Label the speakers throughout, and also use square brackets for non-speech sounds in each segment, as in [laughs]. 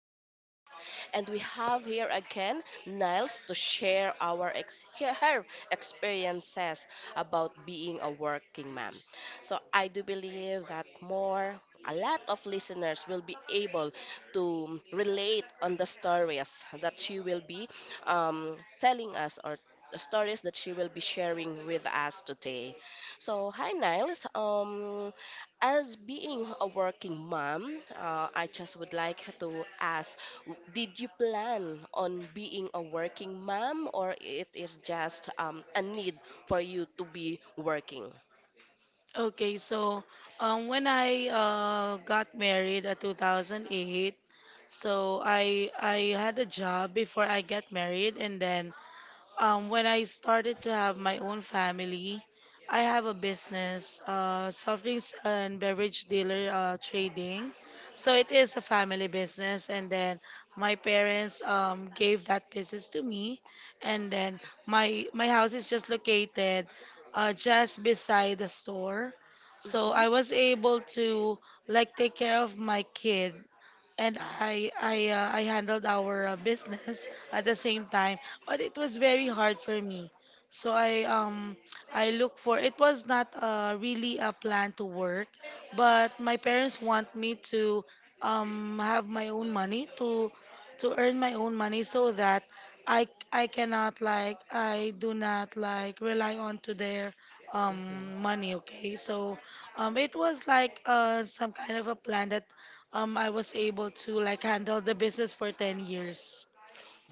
Speaker 1: podcast. And we have here again Niles to share our her experiences about being a working mom. So I do believe that more a lot of listeners will be able to relate on the stories that she will be telling us or the stories that she will be sharing with us today. So, hi Niles. As being a working mom, I just would like to ask, did you plan on being a working mom, or it is just a need for you to be working?
Speaker 2: Okay, so when I got married at 2008, so I had a job before I got married, and then when I started to have my own family, I have a business, soft drinks and beverage dealer trading. So it is a family business, and then my parents gave that business to me, and then my house is just located just beside the store. So
Speaker 1: Mhm,
Speaker 2: I was able to like take care of my kid and
Speaker 1: mhm,
Speaker 2: I handled our business at the same time, but it was very hard for me. So I look for It was not really a plan to work, but my parents want me to have my own money to earn my own money so that I cannot like I do not like rely on to their
Speaker 1: mhm.
Speaker 2: money, okay? So it was like some kind of a plan that I was able to like handle the business for 10 years.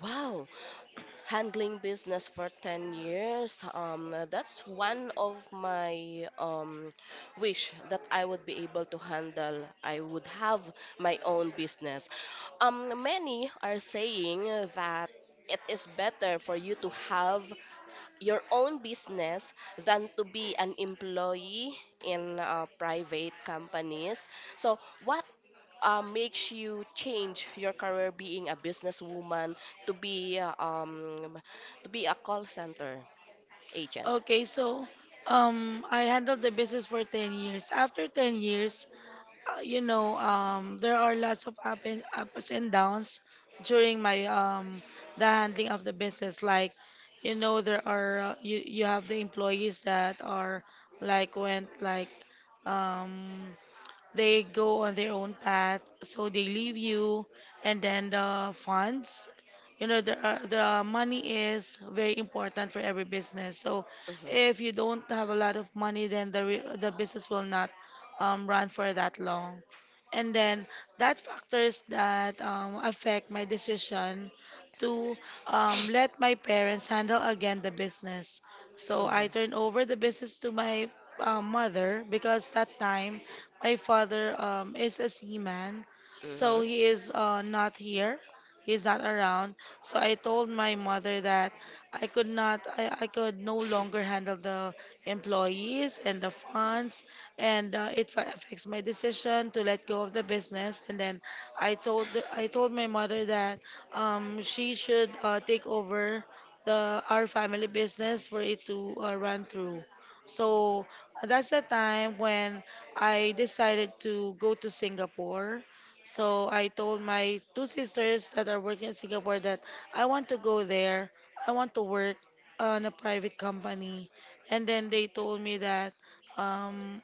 Speaker 1: Wow, handling business for 10 years. That's one of my wish that I would be able to handle. I would have my own business. Many are saying that it is better for you to have your own business than to be an employee in private companies. So, what makes you change your career, being a businesswoman, to be uh, um to be a call center agent.
Speaker 2: Okay, so I handled the business for 10 years. After 10 years, you know, there are lots of ups and downs during my the handling of the business. Like you know there are you have the employees that are like went like um they go on their own path, so they leave you, and then the funds, you know, the money is very important for every business. So
Speaker 1: Mhm.
Speaker 2: if you don't have a lot of money, then the business will not run for that long, and then that factors that affect my decision to let my parents handle again the business. So I
Speaker 1: Mhm.
Speaker 2: turn over the business to my mother, because that time my father is a seaman, so
Speaker 1: Mhm.
Speaker 2: he is not here. He's not around. So I told my mother that I could no longer handle the employees and the funds, and affects my decision to let go of the business. And then I told my mother that she should take over the our family business for it to run through. So that's the time when I decided to go to Singapore. So I told my two sisters that are working in Singapore that I want to go there. I want to work on a private company. And then they told me that um,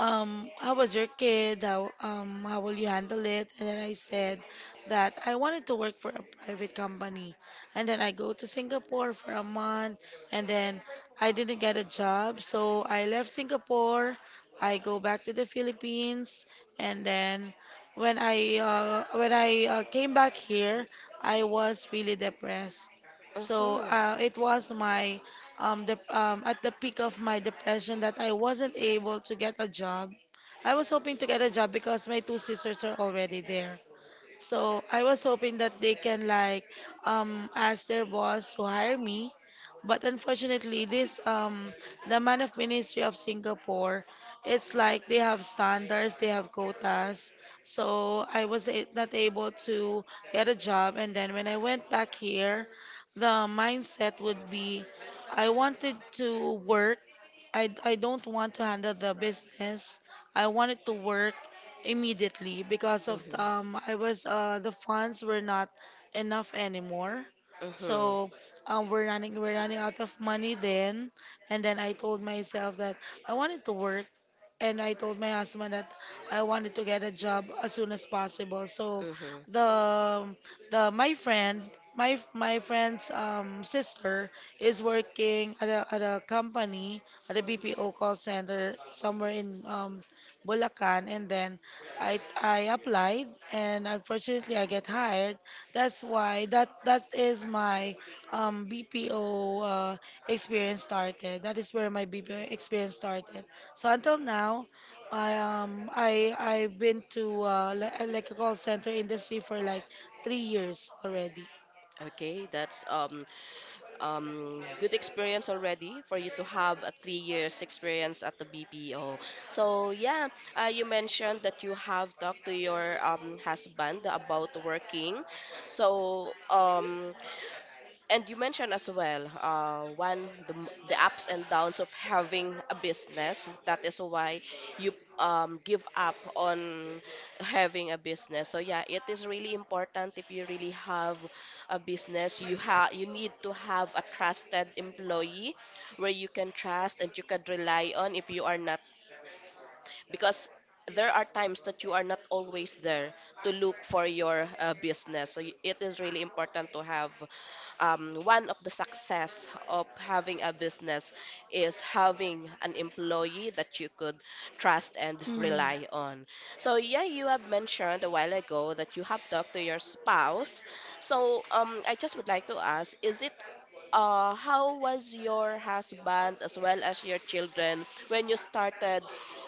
Speaker 2: how was your kid? How will you handle it? And then I said that I wanted to work for a private company, and then I go to Singapore for a month, and then I didn't get a job, so I left Singapore. I go back to the Philippines, and then when I came back here, I was really depressed. So
Speaker 1: Mhm.
Speaker 2: it was my at the peak of my depression that I wasn't able to get a job. I was hoping to get a job because my two sisters are already there. So I was hoping that they can like ask their boss to hire me. But unfortunately, this the man of ministry of Singapore, it's like they have standards, they have quotas. So I was not able to get a job, and then when I went back here, the mindset would be I wanted to work. I don't want to handle the business. I wanted to work immediately because of
Speaker 1: Mhm.
Speaker 2: I was the funds were not enough anymore.
Speaker 1: Mhm.
Speaker 2: So we're running out of money then, and then I told myself that I wanted to work, and I told my husband that I wanted to get a job as soon as possible. So
Speaker 1: Mhm.
Speaker 2: the the my friend my f- my friend's sister is working at at a company at a BPO call center somewhere in Bulacan, and then I applied, and unfortunately I get hired. That's why that is my BPO experience started. That is where my BPO experience started. So until now, I I've been to like a call center industry for like 3 years already.
Speaker 1: Okay, that's good experience already for you to have a 3 years experience at the BPO. So yeah, you mentioned that you have talked to your husband about working. So, and you mentioned as well, the ups and downs of having a business. That is why you give up on having a business. So yeah, it is really important, if you really have a business, you need to have a trusted employee where you can trust and you can rely on, if you are not, because there are times that you are not always there to look for your business. So it is really important to have, one of the success of having a business is having an employee that you could trust and
Speaker 2: Mm.
Speaker 1: rely on. So yeah, you have mentioned a while ago that you have talked to your spouse. So, I just would like to ask, is it how was your husband as well as your children when you started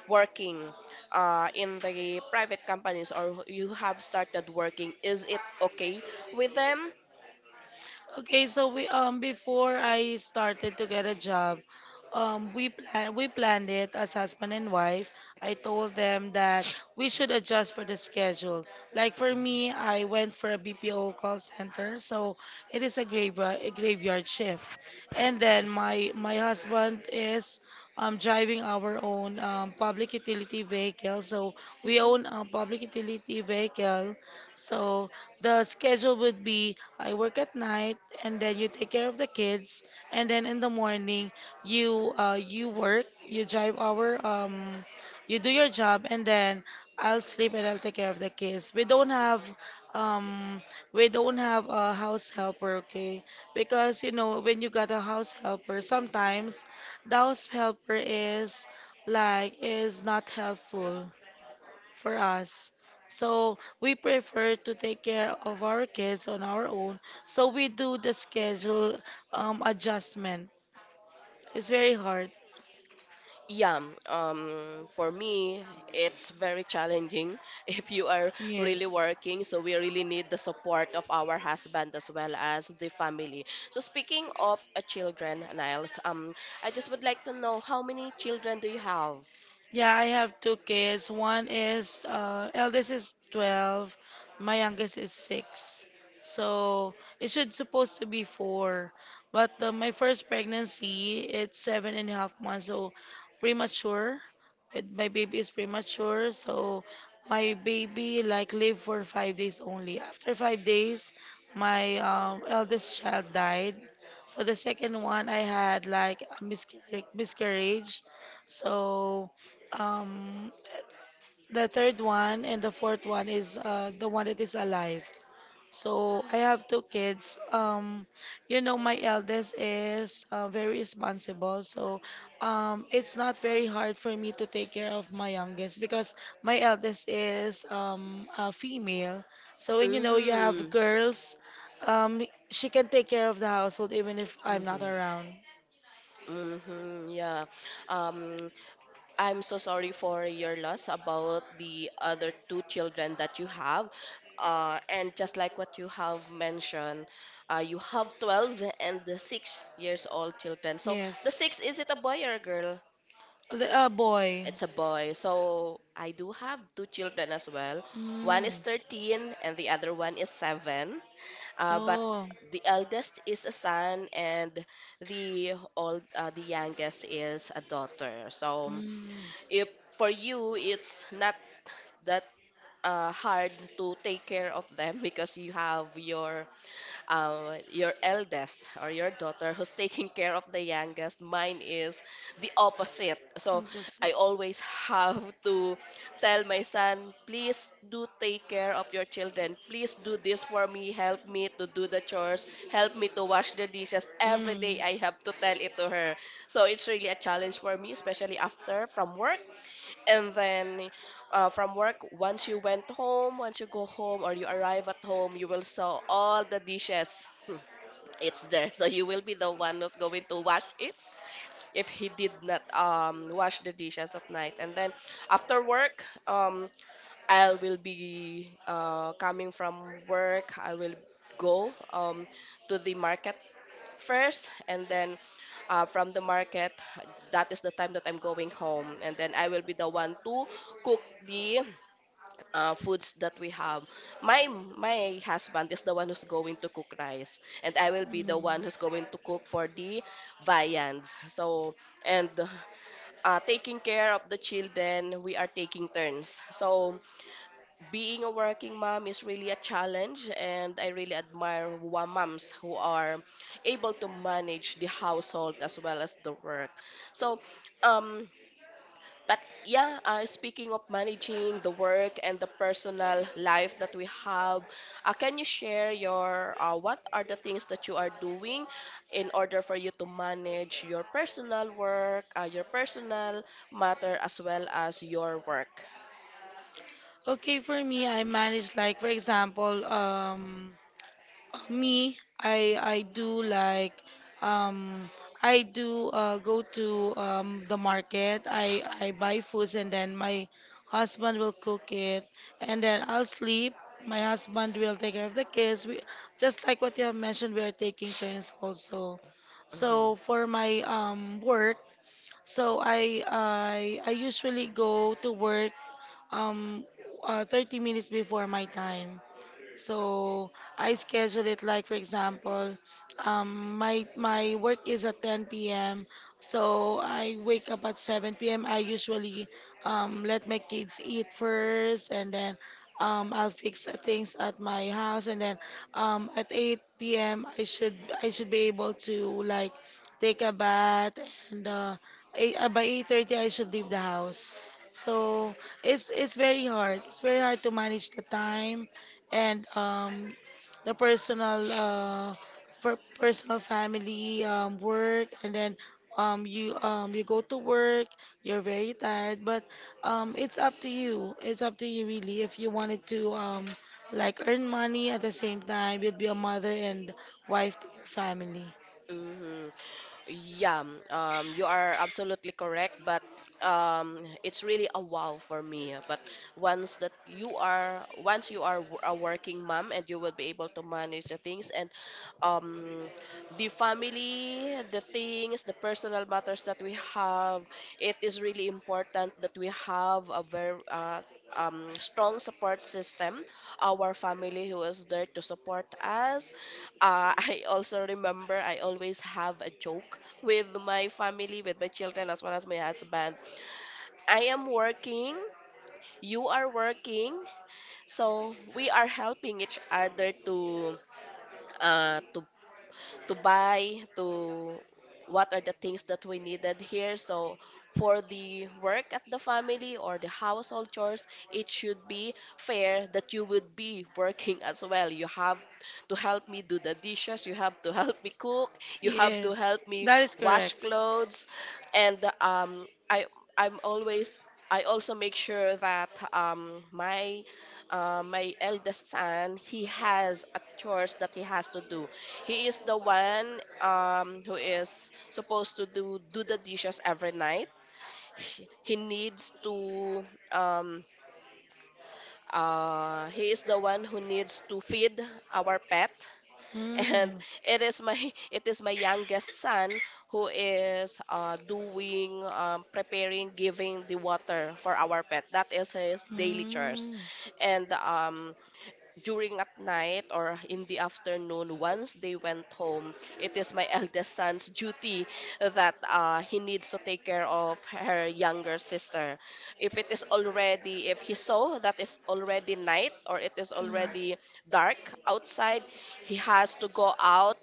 Speaker 1: working in the private companies, or you have started working? Is it okay with them?
Speaker 2: Okay, so we before I started to get a job, we planned it as husband and wife. I told them that we should adjust for the schedule. Like for me, I went for a BPO call center, so it is a graveyard shift. And then my husband is driving our own public utility vehicle, so we
Speaker 1: Mhm.
Speaker 2: own a public utility vehicle. So the schedule would be I work at night, and then you take care of the kids, and then in the morning you you work, you drive our you do your job, and then I'll sleep and I'll take care of the kids. Um we don't have a house helper, okay? Because you know, when you got a house helper, sometimes the house helper is like is not helpful for us. So we prefer to take care of our kids on our own. So we do the schedule adjustment. It's very hard.
Speaker 1: Yeah, for me, it's very challenging [laughs] if you are really
Speaker 2: Yes.
Speaker 1: working. So we really need the support of our husband as well as the family. So, speaking of children, Niles, I just would like to know, how many children do you have?
Speaker 2: Yeah, I have two kids. One is eldest is 12, my youngest is 6. So it should supposed to be 4. But my first pregnancy, it's seven and a half months, so premature. It, my baby is premature, so my baby like lived for 5 days only. After 5 days, my eldest child died. So the second one, I had like a miscarriage. So um, the third one and the fourth one is the one that is alive. So I have two kids. You know, my eldest is very responsible. So it's not very hard for me to take care of my youngest because my eldest is a female. So when you know you have
Speaker 1: Mm,
Speaker 2: girls, she can take care of the household even if I'm not
Speaker 1: mm-hmm,
Speaker 2: around.
Speaker 1: mm-hmm, yeah. Um, I'm so sorry for your loss about the other two children that you have. And just like what you have mentioned, you have 12 and the 6 years old children. So the
Speaker 2: Yes.
Speaker 1: six, is it a boy or a girl?
Speaker 2: The boy.
Speaker 1: It's a boy. So I do have two children as well. One
Speaker 2: Mm.
Speaker 1: is 13 and the other one is seven. But
Speaker 2: Oh,
Speaker 1: the eldest is a son and the youngest is a daughter. So,
Speaker 2: mm,
Speaker 1: if for you it's not that hard to take care of them [laughs] because you have your eldest, or your daughter who's taking care of the youngest. Mine is the opposite. So
Speaker 2: that's-
Speaker 1: I always have to tell my son, please do take care of your children. Please do this for me. Help me to do the chores. Help me to wash the dishes. Every
Speaker 2: mm,
Speaker 1: day I have to tell it to her. So it's really a challenge for me, especially after from work. And then, from work, once you went home, once you go home or you arrive at home, you will saw all the dishes, it's there [laughs] so you will be the one who's going to wash it, if he did not wash the dishes at night. And then after work, I will be coming from work. I will go to the market first, and then, from the market, that is the time that I'm going home, and then I will be the one to cook the foods that we have. My my husband is the one who's going to cook rice, and I will be the
Speaker 2: mm.
Speaker 1: one who's going to cook for the viands. So, and taking care of the children, we are taking turns. So being a working mom is really a challenge, and I really admire moms who are able to manage the household as well as the work. So, um but yeah, speaking of managing the work and the personal life that we have, can you share your, what are the things that you are doing in order for you to manage your personal work, your personal matter as well as your work?
Speaker 2: Okay, for me, I manage like for example, I do like um I do go to the market. I buy foods, and then my husband will cook it, and then I'll sleep. My husband will take care of the kids. We, just like what you have mentioned, we are taking turns also. So for my work. So I usually go to work um 30 minutes before my time. So I schedule it like for example, my work is at 10 p.m. So I wake up at 7 p.m. I usually let my kids eat first, and then I'll fix things at my house, and then at 8 p.m. I should be able to like take a bath, and by 8:30 I should leave the house. So it's very hard. It's very hard to manage the time and the personal for personal family work, and then you go to work. You're very tired, but it's up to you. It's up to you really if you wanted to like earn money at the same time you'd be a mother and wife to your family.
Speaker 1: Hmm. Yeah, you are absolutely correct, but it's really a wow for me. But once that you are, once you are a working mom, and you will be able to manage the things, and um, the family, the things, the personal matters that we have, it is really important that we have a very strong support system, our family who is there to support us, [laughs] I also remember, I always have a joke with my family, with my children, as well as my husband. I am working, you are working, so we are helping each other uh, to to buy to what are the things that we needed here, so for the work at the family or the household chores, it should be fair that you would be working [laughs] as well. You have to help me do the dishes, you have to help me cook, you have to
Speaker 2: Yes,
Speaker 1: help me
Speaker 2: that is
Speaker 1: wash
Speaker 2: correct.
Speaker 1: clothes. And I I'm always I also make sure that my eldest son, he has a chores that he has to do. He is the one, who is supposed to do the dishes every night. He needs to um, he is the one who needs to feed our pet, [laughs] and
Speaker 2: Mm.
Speaker 1: it is my it is my youngest son who is doing preparing giving the water for our pet. That is his daily chores.
Speaker 2: 嗯
Speaker 1: And during at night or in the afternoon, once they went home, it is my [laughs] eldest son's duty that he needs to take care of her younger sister. If it is already, if he saw that it's already night or it is already
Speaker 2: 嗯
Speaker 1: dark outside, he has to go out,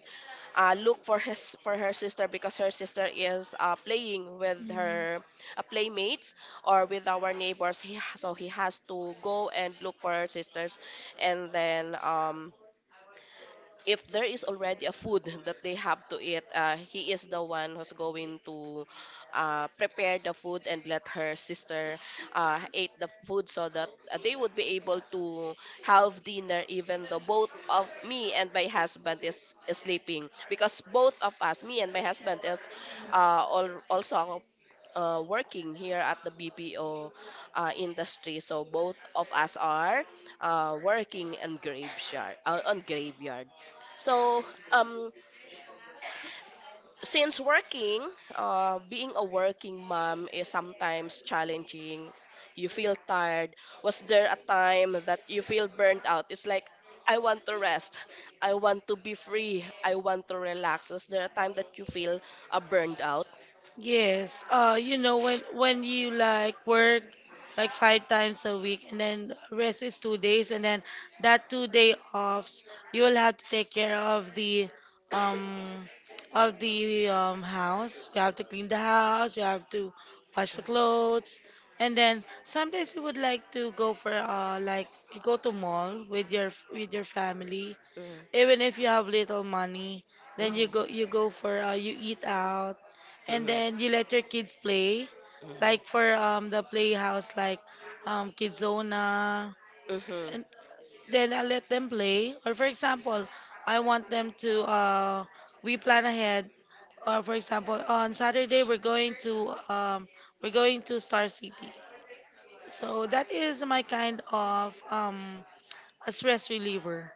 Speaker 1: look for his for her sister, because her sister is playing with
Speaker 2: 嗯
Speaker 1: her playmates, or with our neighbors. So he has to go and look for her sisters. And then, if there is already a food that they have to eat, he is the one who's going to prepare the food and let her sister eat the food, so that they would be able to have dinner, even though both of me and my husband is sleeping, because both of us, me and my husband, is uh, also working here at the BPO industry. So both of us are working in graveyard. On graveyard. So, um, since working, being a working mom is sometimes challenging. You feel tired. Was there a time that you feel burnt out? It's like, I want to rest. I want to be free. I want to relax. Was there a time that you feel burned out?
Speaker 2: Yes, you know when you like work like five times a week and then the rest is 2 days and then that 2 day offs you will have to take care um of the house. You have to clean the house, you have to wash the clothes, and then sometimes you would like to go for like you go to mall with your family even
Speaker 1: Mm-hmm.
Speaker 2: if you have little money then
Speaker 1: Mm-hmm.
Speaker 2: you go for you eat out and then you let your kids play,
Speaker 1: Mm-hmm.
Speaker 2: like for the playhouse, like Kidzona,
Speaker 1: Mm-hmm.
Speaker 2: and then I let them play. Or for example, I want them to we plan ahead. Or for example, on Saturday we're going to Star City. So that is my kind of a stress reliever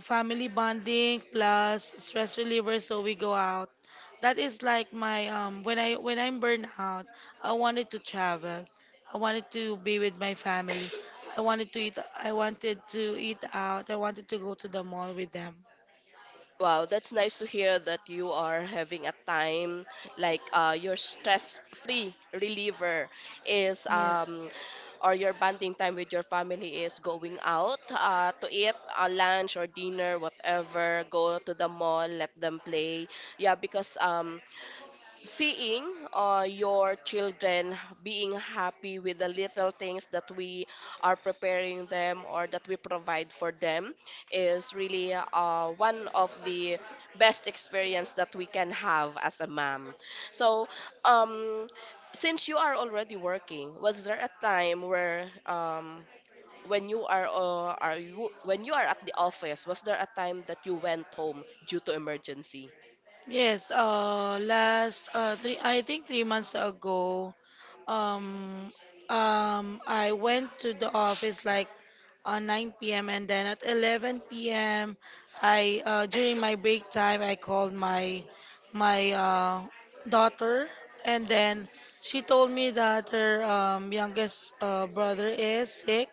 Speaker 2: family bonding plus stress reliever so we go out that is like my when I when I'm burned out I wanted to travel I wanted to be with my family I wanted to eat I wanted to eat out I wanted to go to the mall with them
Speaker 1: Wow, that's nice to hear that you are having a time like, your stress-free reliever is,
Speaker 2: yes
Speaker 1: or your bonding time with your family is going out, to eat a lunch or dinner, whatever, go to the mall, let them play. Yeah, because, seeing your children being happy with the little things that we are preparing them, or that we provide for them, is really, one of the best experience that we can have as a mom. So, um, since you are already working, was there a time where, when you are, when you are at the office, was there a time that you went home due to emergency?
Speaker 2: Yes, last three, I think 3 months ago, um, I went to the office like 9 p.m. and then at 11 p.m. I during my break time I called my daughter, and then she told me that her youngest brother is sick,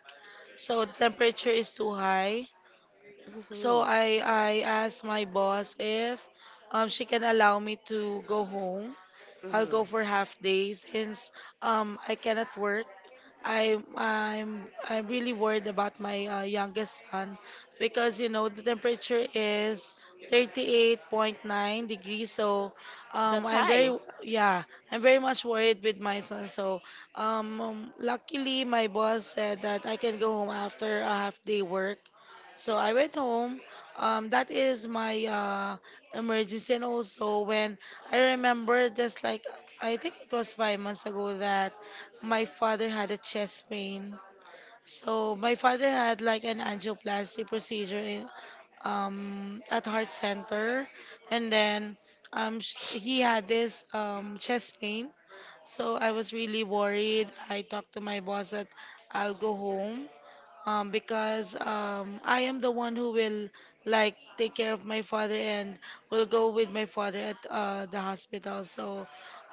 Speaker 2: so the temperature is too high. So
Speaker 1: Mhm.
Speaker 2: I asked my boss if she can allow me to go home. I'll
Speaker 1: Mhm.
Speaker 2: go for half day since I cannot work. I'm really worried about my youngest son because you know the temperature is 38.9 degrees, so
Speaker 1: That's
Speaker 2: I'm very,
Speaker 1: high.
Speaker 2: yeah, I'm very much worried with my son. So luckily my boss said that I can go home after a half day work, so I went home. That is my emergency. And also, when I remember, just like I think it was 5 months ago, that my father had a chest pain. So my father had like an angioplasty procedure in at heart center, and then he had this chest pain. So I was really worried. I talked to my boss that I'll go home because I am the one who will like take care of my father and will go with my father at the hospital. So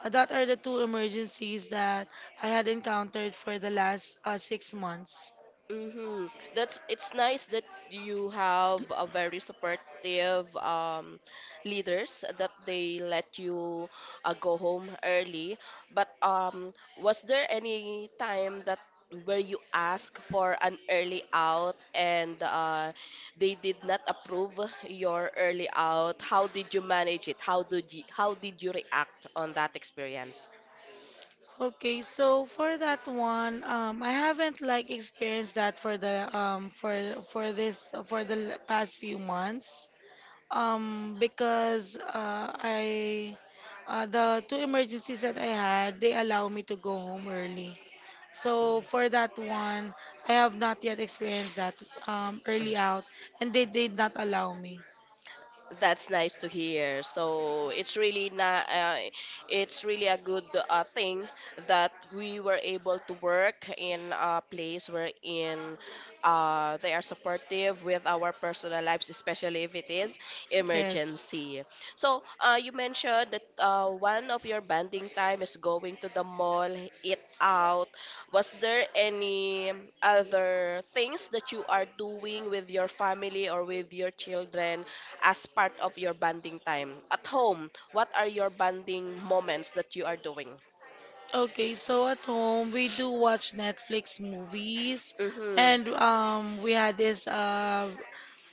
Speaker 2: that are the two emergencies that I had encountered for the last 6 months.
Speaker 1: Mm-hmm. That's, it's nice that you have a very supportive, leaders, that they let you go home early. But, was there any time that, where you asked for an early out, and they did not approve your early out? How did you manage it? How did you react on that experience?
Speaker 2: Okay, so for that one, I haven't like experienced that for the for this for the l- past few months. Because I The two emergencies that I had, they allow me to go home early. So for that one, I have not yet experienced that early out, and they did not allow me.
Speaker 1: That's nice to hear. So it's really not. It's really a good thing that we were able to work in a place wherein they are supportive with our personal lives, especially if it is
Speaker 2: Yes.
Speaker 1: emergency. So you mentioned that one of your banding time is going to the mall, eat out. Was there any other things that you are doing with your family or with your children? As part of your bonding time. At home, what are your bonding moments that you are doing?
Speaker 2: Okay, so at home we do watch Netflix movies,
Speaker 1: Mm-hmm.
Speaker 2: and we had this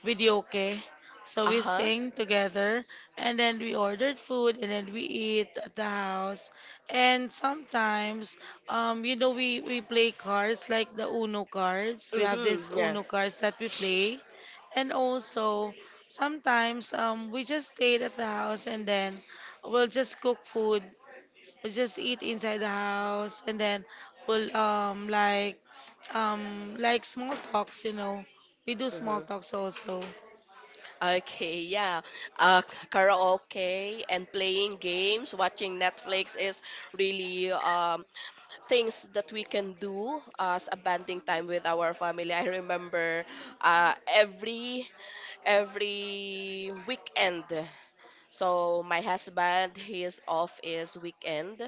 Speaker 2: video, okay. So we
Speaker 1: Uh-huh.
Speaker 2: sing together, and then we ordered food and then we eat at the house. And sometimes, you know, we play cards like the Uno cards. We have this
Speaker 1: Mm-hmm. Yeah.
Speaker 2: Uno cards that we play. And also sometimes we just stayed at the house, and then we'll just cook food, we just eat inside the house, and then we'll like small talks, you know, we do small
Speaker 1: Mm-hmm.
Speaker 2: talks also.
Speaker 1: Okay, yeah. Karaoke and playing games, watching Netflix is really things that we can do as a bonding time with our family. I remember uh, every every weekend. So my husband, his off is weekend.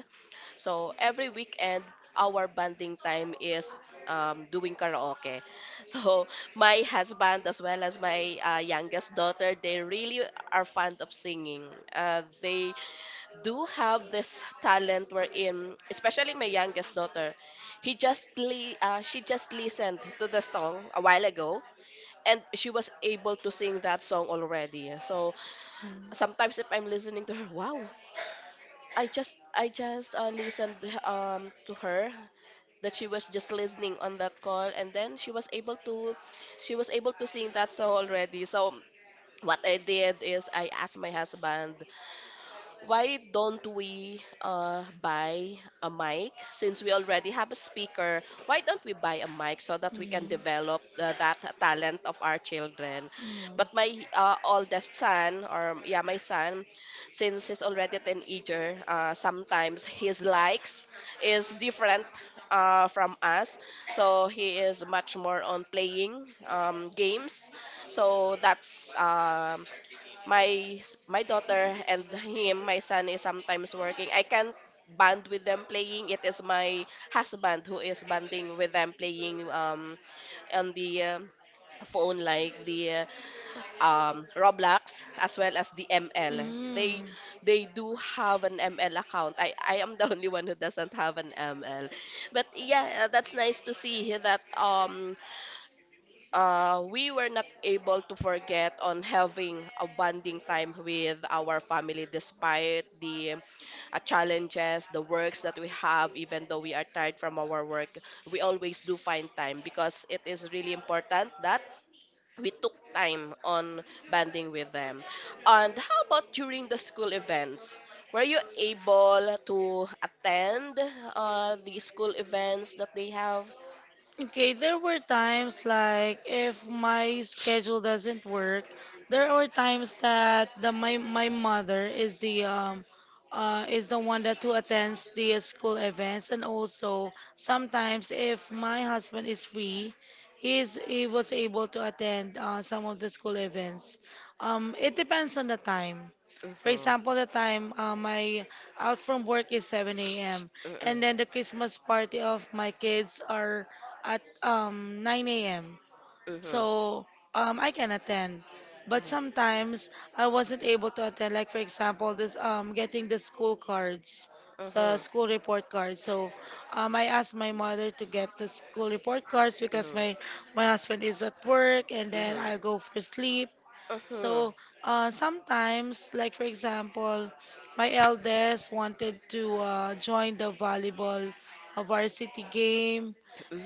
Speaker 1: So every weekend, our bonding time is doing karaoke. [laughs] So my husband as well as my youngest daughter, they really are fond of singing. They do have this talent wherein, especially my youngest daughter, she just listened to the song a while ago and she was able to sing that song already. So sometimes if I'm listening to her, wow, I just listened to her that she was just listening on that call and then she was able to sing that song already. So what I did is I asked my husband, why don't we buy a mic? Since we already have a speaker, why don't we buy a mic so that
Speaker 2: Mm,
Speaker 1: we can
Speaker 2: mm,
Speaker 1: develop that talent of our children. But my oldest son or yeah my son, since he's already a teenager, sometimes his likes is different from us. So he is much more on playing games. So that's my daughter and [laughs] him, my son is sometimes working. I can't band with them playing. It is my husband who is banding with them playing on the phone, like the Roblox as well as the
Speaker 2: mm,
Speaker 1: ML. they
Speaker 2: mm.
Speaker 1: they do have an ML account. I am the [laughs] only one who doesn't have an ML. But yeah, that's nice to see that we were not able to forget on having a bonding time with our family despite the challenges, the works that we have. Even though we are tired from our work, we always do find time because it is really important that we took time on bonding with them. And how about during the school events? Were you able to attend the school events that they have?
Speaker 2: Okay, there were times like if my schedule doesn't work, there are times that the my my mother is the one that who attends the school events, and also sometimes if my husband is free, he was able to attend some of the school events. It depends on the time. For
Speaker 1: Mm-hmm.
Speaker 2: example, the time my out from work is 7 a.m. and then the
Speaker 1: Mm-hmm.
Speaker 2: Christmas party of my kids are at 9 a.m.
Speaker 1: Mm-hmm.
Speaker 2: So I can attend. But sometimes I wasn't able to attend. Like for example, this getting the school cards, the
Speaker 1: Uh-huh.
Speaker 2: school report cards. So I asked my mother to get the school report cards because my
Speaker 1: Uh-huh.
Speaker 2: my husband is at work and then
Speaker 1: Uh-huh.
Speaker 2: I go for sleep.
Speaker 1: Uh-huh.
Speaker 2: So sometimes, like for example, my eldest wanted to join the volleyball varsity game,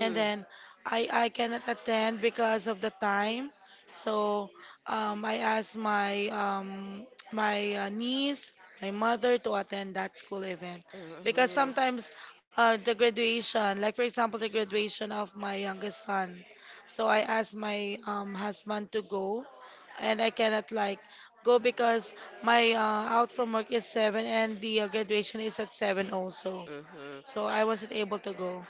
Speaker 2: and then I cannot attend because of the time. So I asked my my niece, my mother to attend that school event because
Speaker 1: Uh-huh.
Speaker 2: sometimes, like for example, the graduation of my youngest son. So I asked my husband to go, and I cannot like go because my out from work is 7 and the graduation is at 7 also.
Speaker 1: Uh-huh.
Speaker 2: So I wasn't able to go.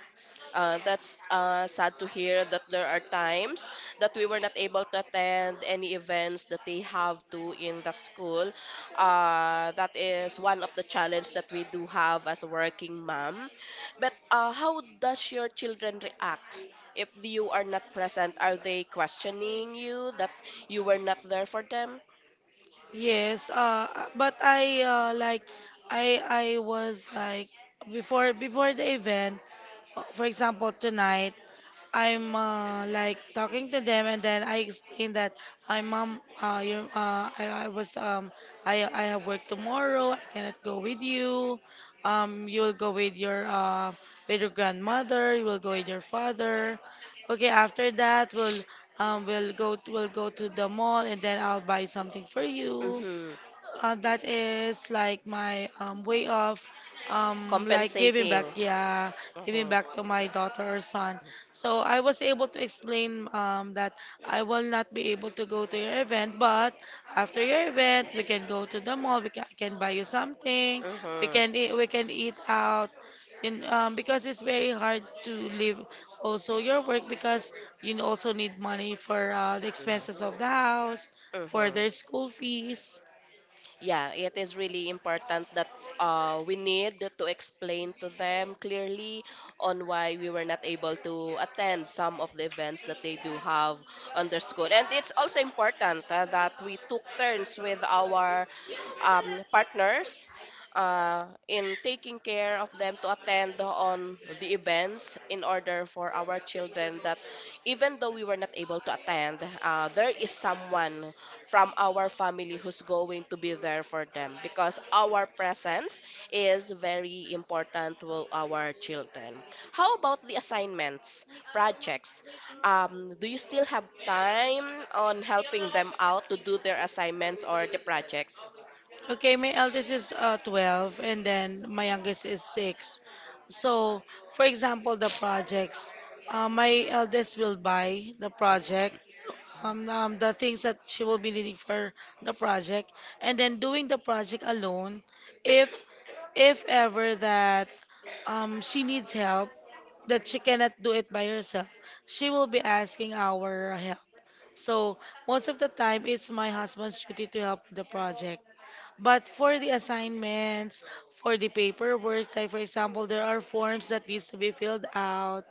Speaker 1: That's sad to hear that there are times that we were not able to attend any events that they have to in the school. That is one of the challenge that we do have as a working mom. But how does your children react if you are not present? Are they questioning you that you were not there for them?
Speaker 2: Yes, but I was like before, before the event, for example tonight, I'm like talking to them, and then I explained that my mom, your, I was I have work tomorrow. I cannot go with you. You will go with your grandmother. You will go with your father. Okay, after that, we'll we'll go to the mall, and then I'll buy something for you.
Speaker 1: Mm-hmm.
Speaker 2: That is like my way of, like, giving
Speaker 1: Compensating.
Speaker 2: back, yeah, giving
Speaker 1: Uh-huh.
Speaker 2: back to my daughter or son. So I was able to explain that I will not be able to go to your event, but after your event, we can go to the mall. I can buy you something.
Speaker 1: Uh-huh.
Speaker 2: We can eat out. And because it's very hard to leave also your work, because you also need money for the expenses of the house,
Speaker 1: Uh
Speaker 2: for
Speaker 1: huh.
Speaker 2: their school fees.
Speaker 1: Yeah, it is really important that we need to explain to them clearly on why we were not able to attend some of the events that they do have on their school. And it's also important that we took turns with our partners in taking care of them to attend on the events in order for our children that even though we were not able to attend, there is someone from our family who's going to be there for them, because our presence is very important to our children. How about the assignments, projects? Do you still have time on helping them out to do their assignments or the projects?
Speaker 2: Okay, my eldest is 12, and then my youngest is 6. So, for example, the projects. My eldest will buy the project, the things that she will be needing for the project, and then doing the project alone. If if ever that she needs help, that she cannot do it by herself, she will be asking our help. So most of the time, it's my husband's duty to help with the project. But for the assignments, for the paperwork, say for example, there are forms that needs to be filled out.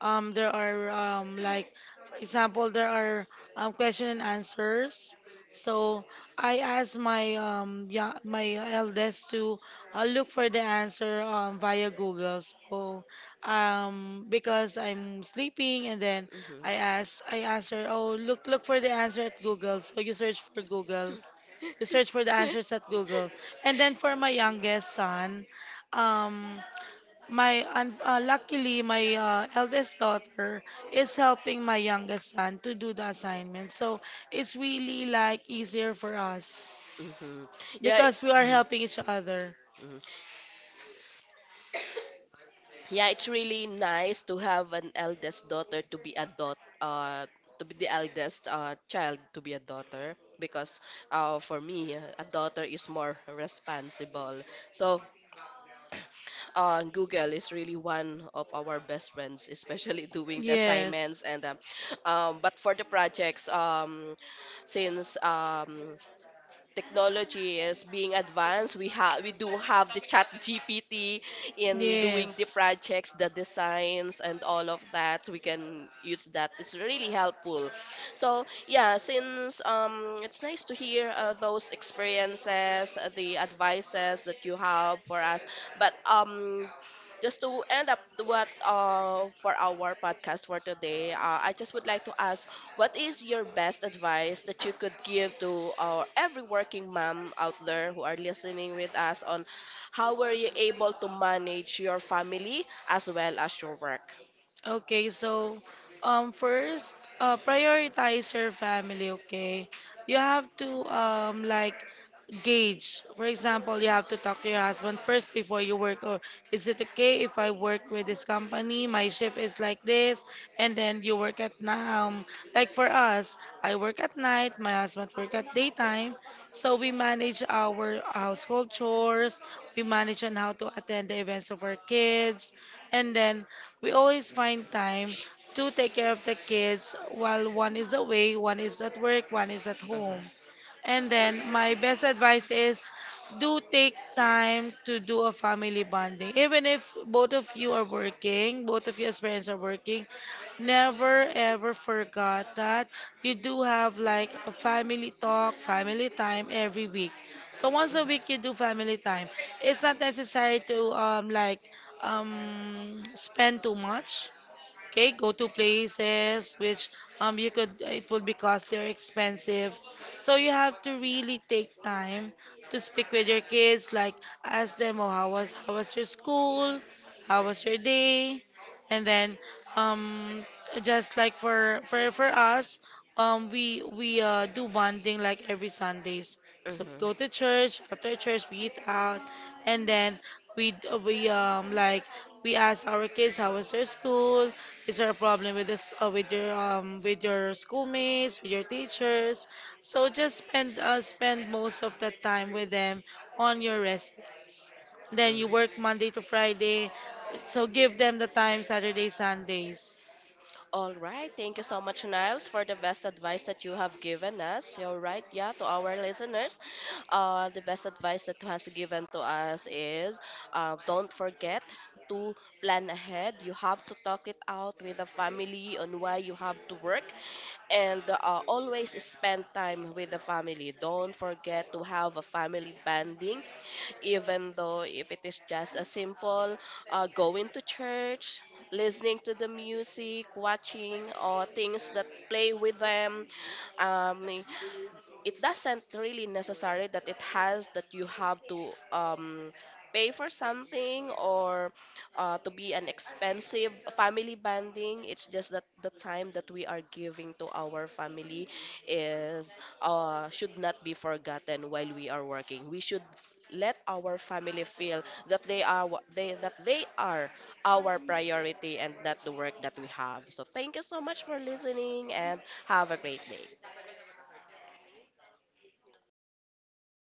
Speaker 2: There are for example, there are question and answers. So I asked my eldest to look for the answer via Google. So because I'm sleeping, and then
Speaker 1: Mhm.
Speaker 2: I asked her, oh, look for the answer at Google. So you search for Google, we search for the answers
Speaker 1: [laughs]
Speaker 2: at Google. And then for my youngest son, um, luckily my eldest daughter is helping my youngest son to do the assignment. So it's really like easier for us
Speaker 1: Hmm. Yeah, it-
Speaker 2: because we are
Speaker 1: [clears throat]
Speaker 2: helping each other.
Speaker 1: mhm. Yeah, it's really nice to have an eldest daughter to be a uh, to be the eldest child, to be a daughter, because for me, a daughter is more responsible. So Google is really one of our best friends, [laughs] especially doing the assignments
Speaker 2: Yes.
Speaker 1: and but for the projects, since technology is being advanced. We do have the Chat GPT in doing the
Speaker 2: Yes.
Speaker 1: projects, the designs, and all of that. We can use that. It's really helpful. So yeah, since it's nice to hear those experiences, the advices that you have for us. But just to end up what for our podcast for today, I just would like to ask, what is your best advice that you could give to our every working mom out there who are listening with us on how were you able to manage your family as well as your work?
Speaker 2: Okay, so first, prioritize your family, okay? You have to gauge. For example, you have to talk to your husband first before you work, or is it okay if I work with this company? My shift is like this, and then you work at now. Like for us, I work at night, my husband work at daytime. So we manage our household chores, we manage on how to attend the events of our kids, and then we always find time to take care of the kids while one is away, one is at work, one is at
Speaker 1: Mhm,
Speaker 2: home. And then my best advice is, do take time to do a family bonding. Even if both of you are working, both of your parents are working, never ever forgot that you do have like a family talk, family time every week. So once a week you
Speaker 1: mhm,
Speaker 2: do family time. It's not necessary to spend too much. Okay, go to places which you could, it would be cost, they're expensive. So you have to really take time to speak with your kids, like ask them, oh, how was your school, how was your day? And then, um just like for us, we do bonding like every Sundays, so we
Speaker 1: mhm,
Speaker 2: go to church. After church, we eat out, and then we d- we like we ask our kids how was their school. Is there a problem with this, with your, with your schoolmates, with your teachers? So just spend most of the time with them on your rest days. Then you
Speaker 1: mhm.
Speaker 2: work Monday to Friday, so give them the time Saturday, Sundays.
Speaker 1: All right. Thank you so much, Niles, for the best advice that you have given us. So, all right. Yeah, to our listeners, the best advice that has given to us is don't forget to plan ahead. You have to talk it out with the family on why you have to work, and always spend time with the family. Don't forget to have a family bonding, even though if it is just a simple going to church, listening to the music, watching or things that play with them. um, it doesn't really necessary that it has that you have to pay for something or to be an expensive family bonding. It's just that the time that we are giving to our family is should not be forgotten while we are working. Let our family feel that they are wha- they that they are our priority and not the work that we have. So thank you so much for listening and have a great day.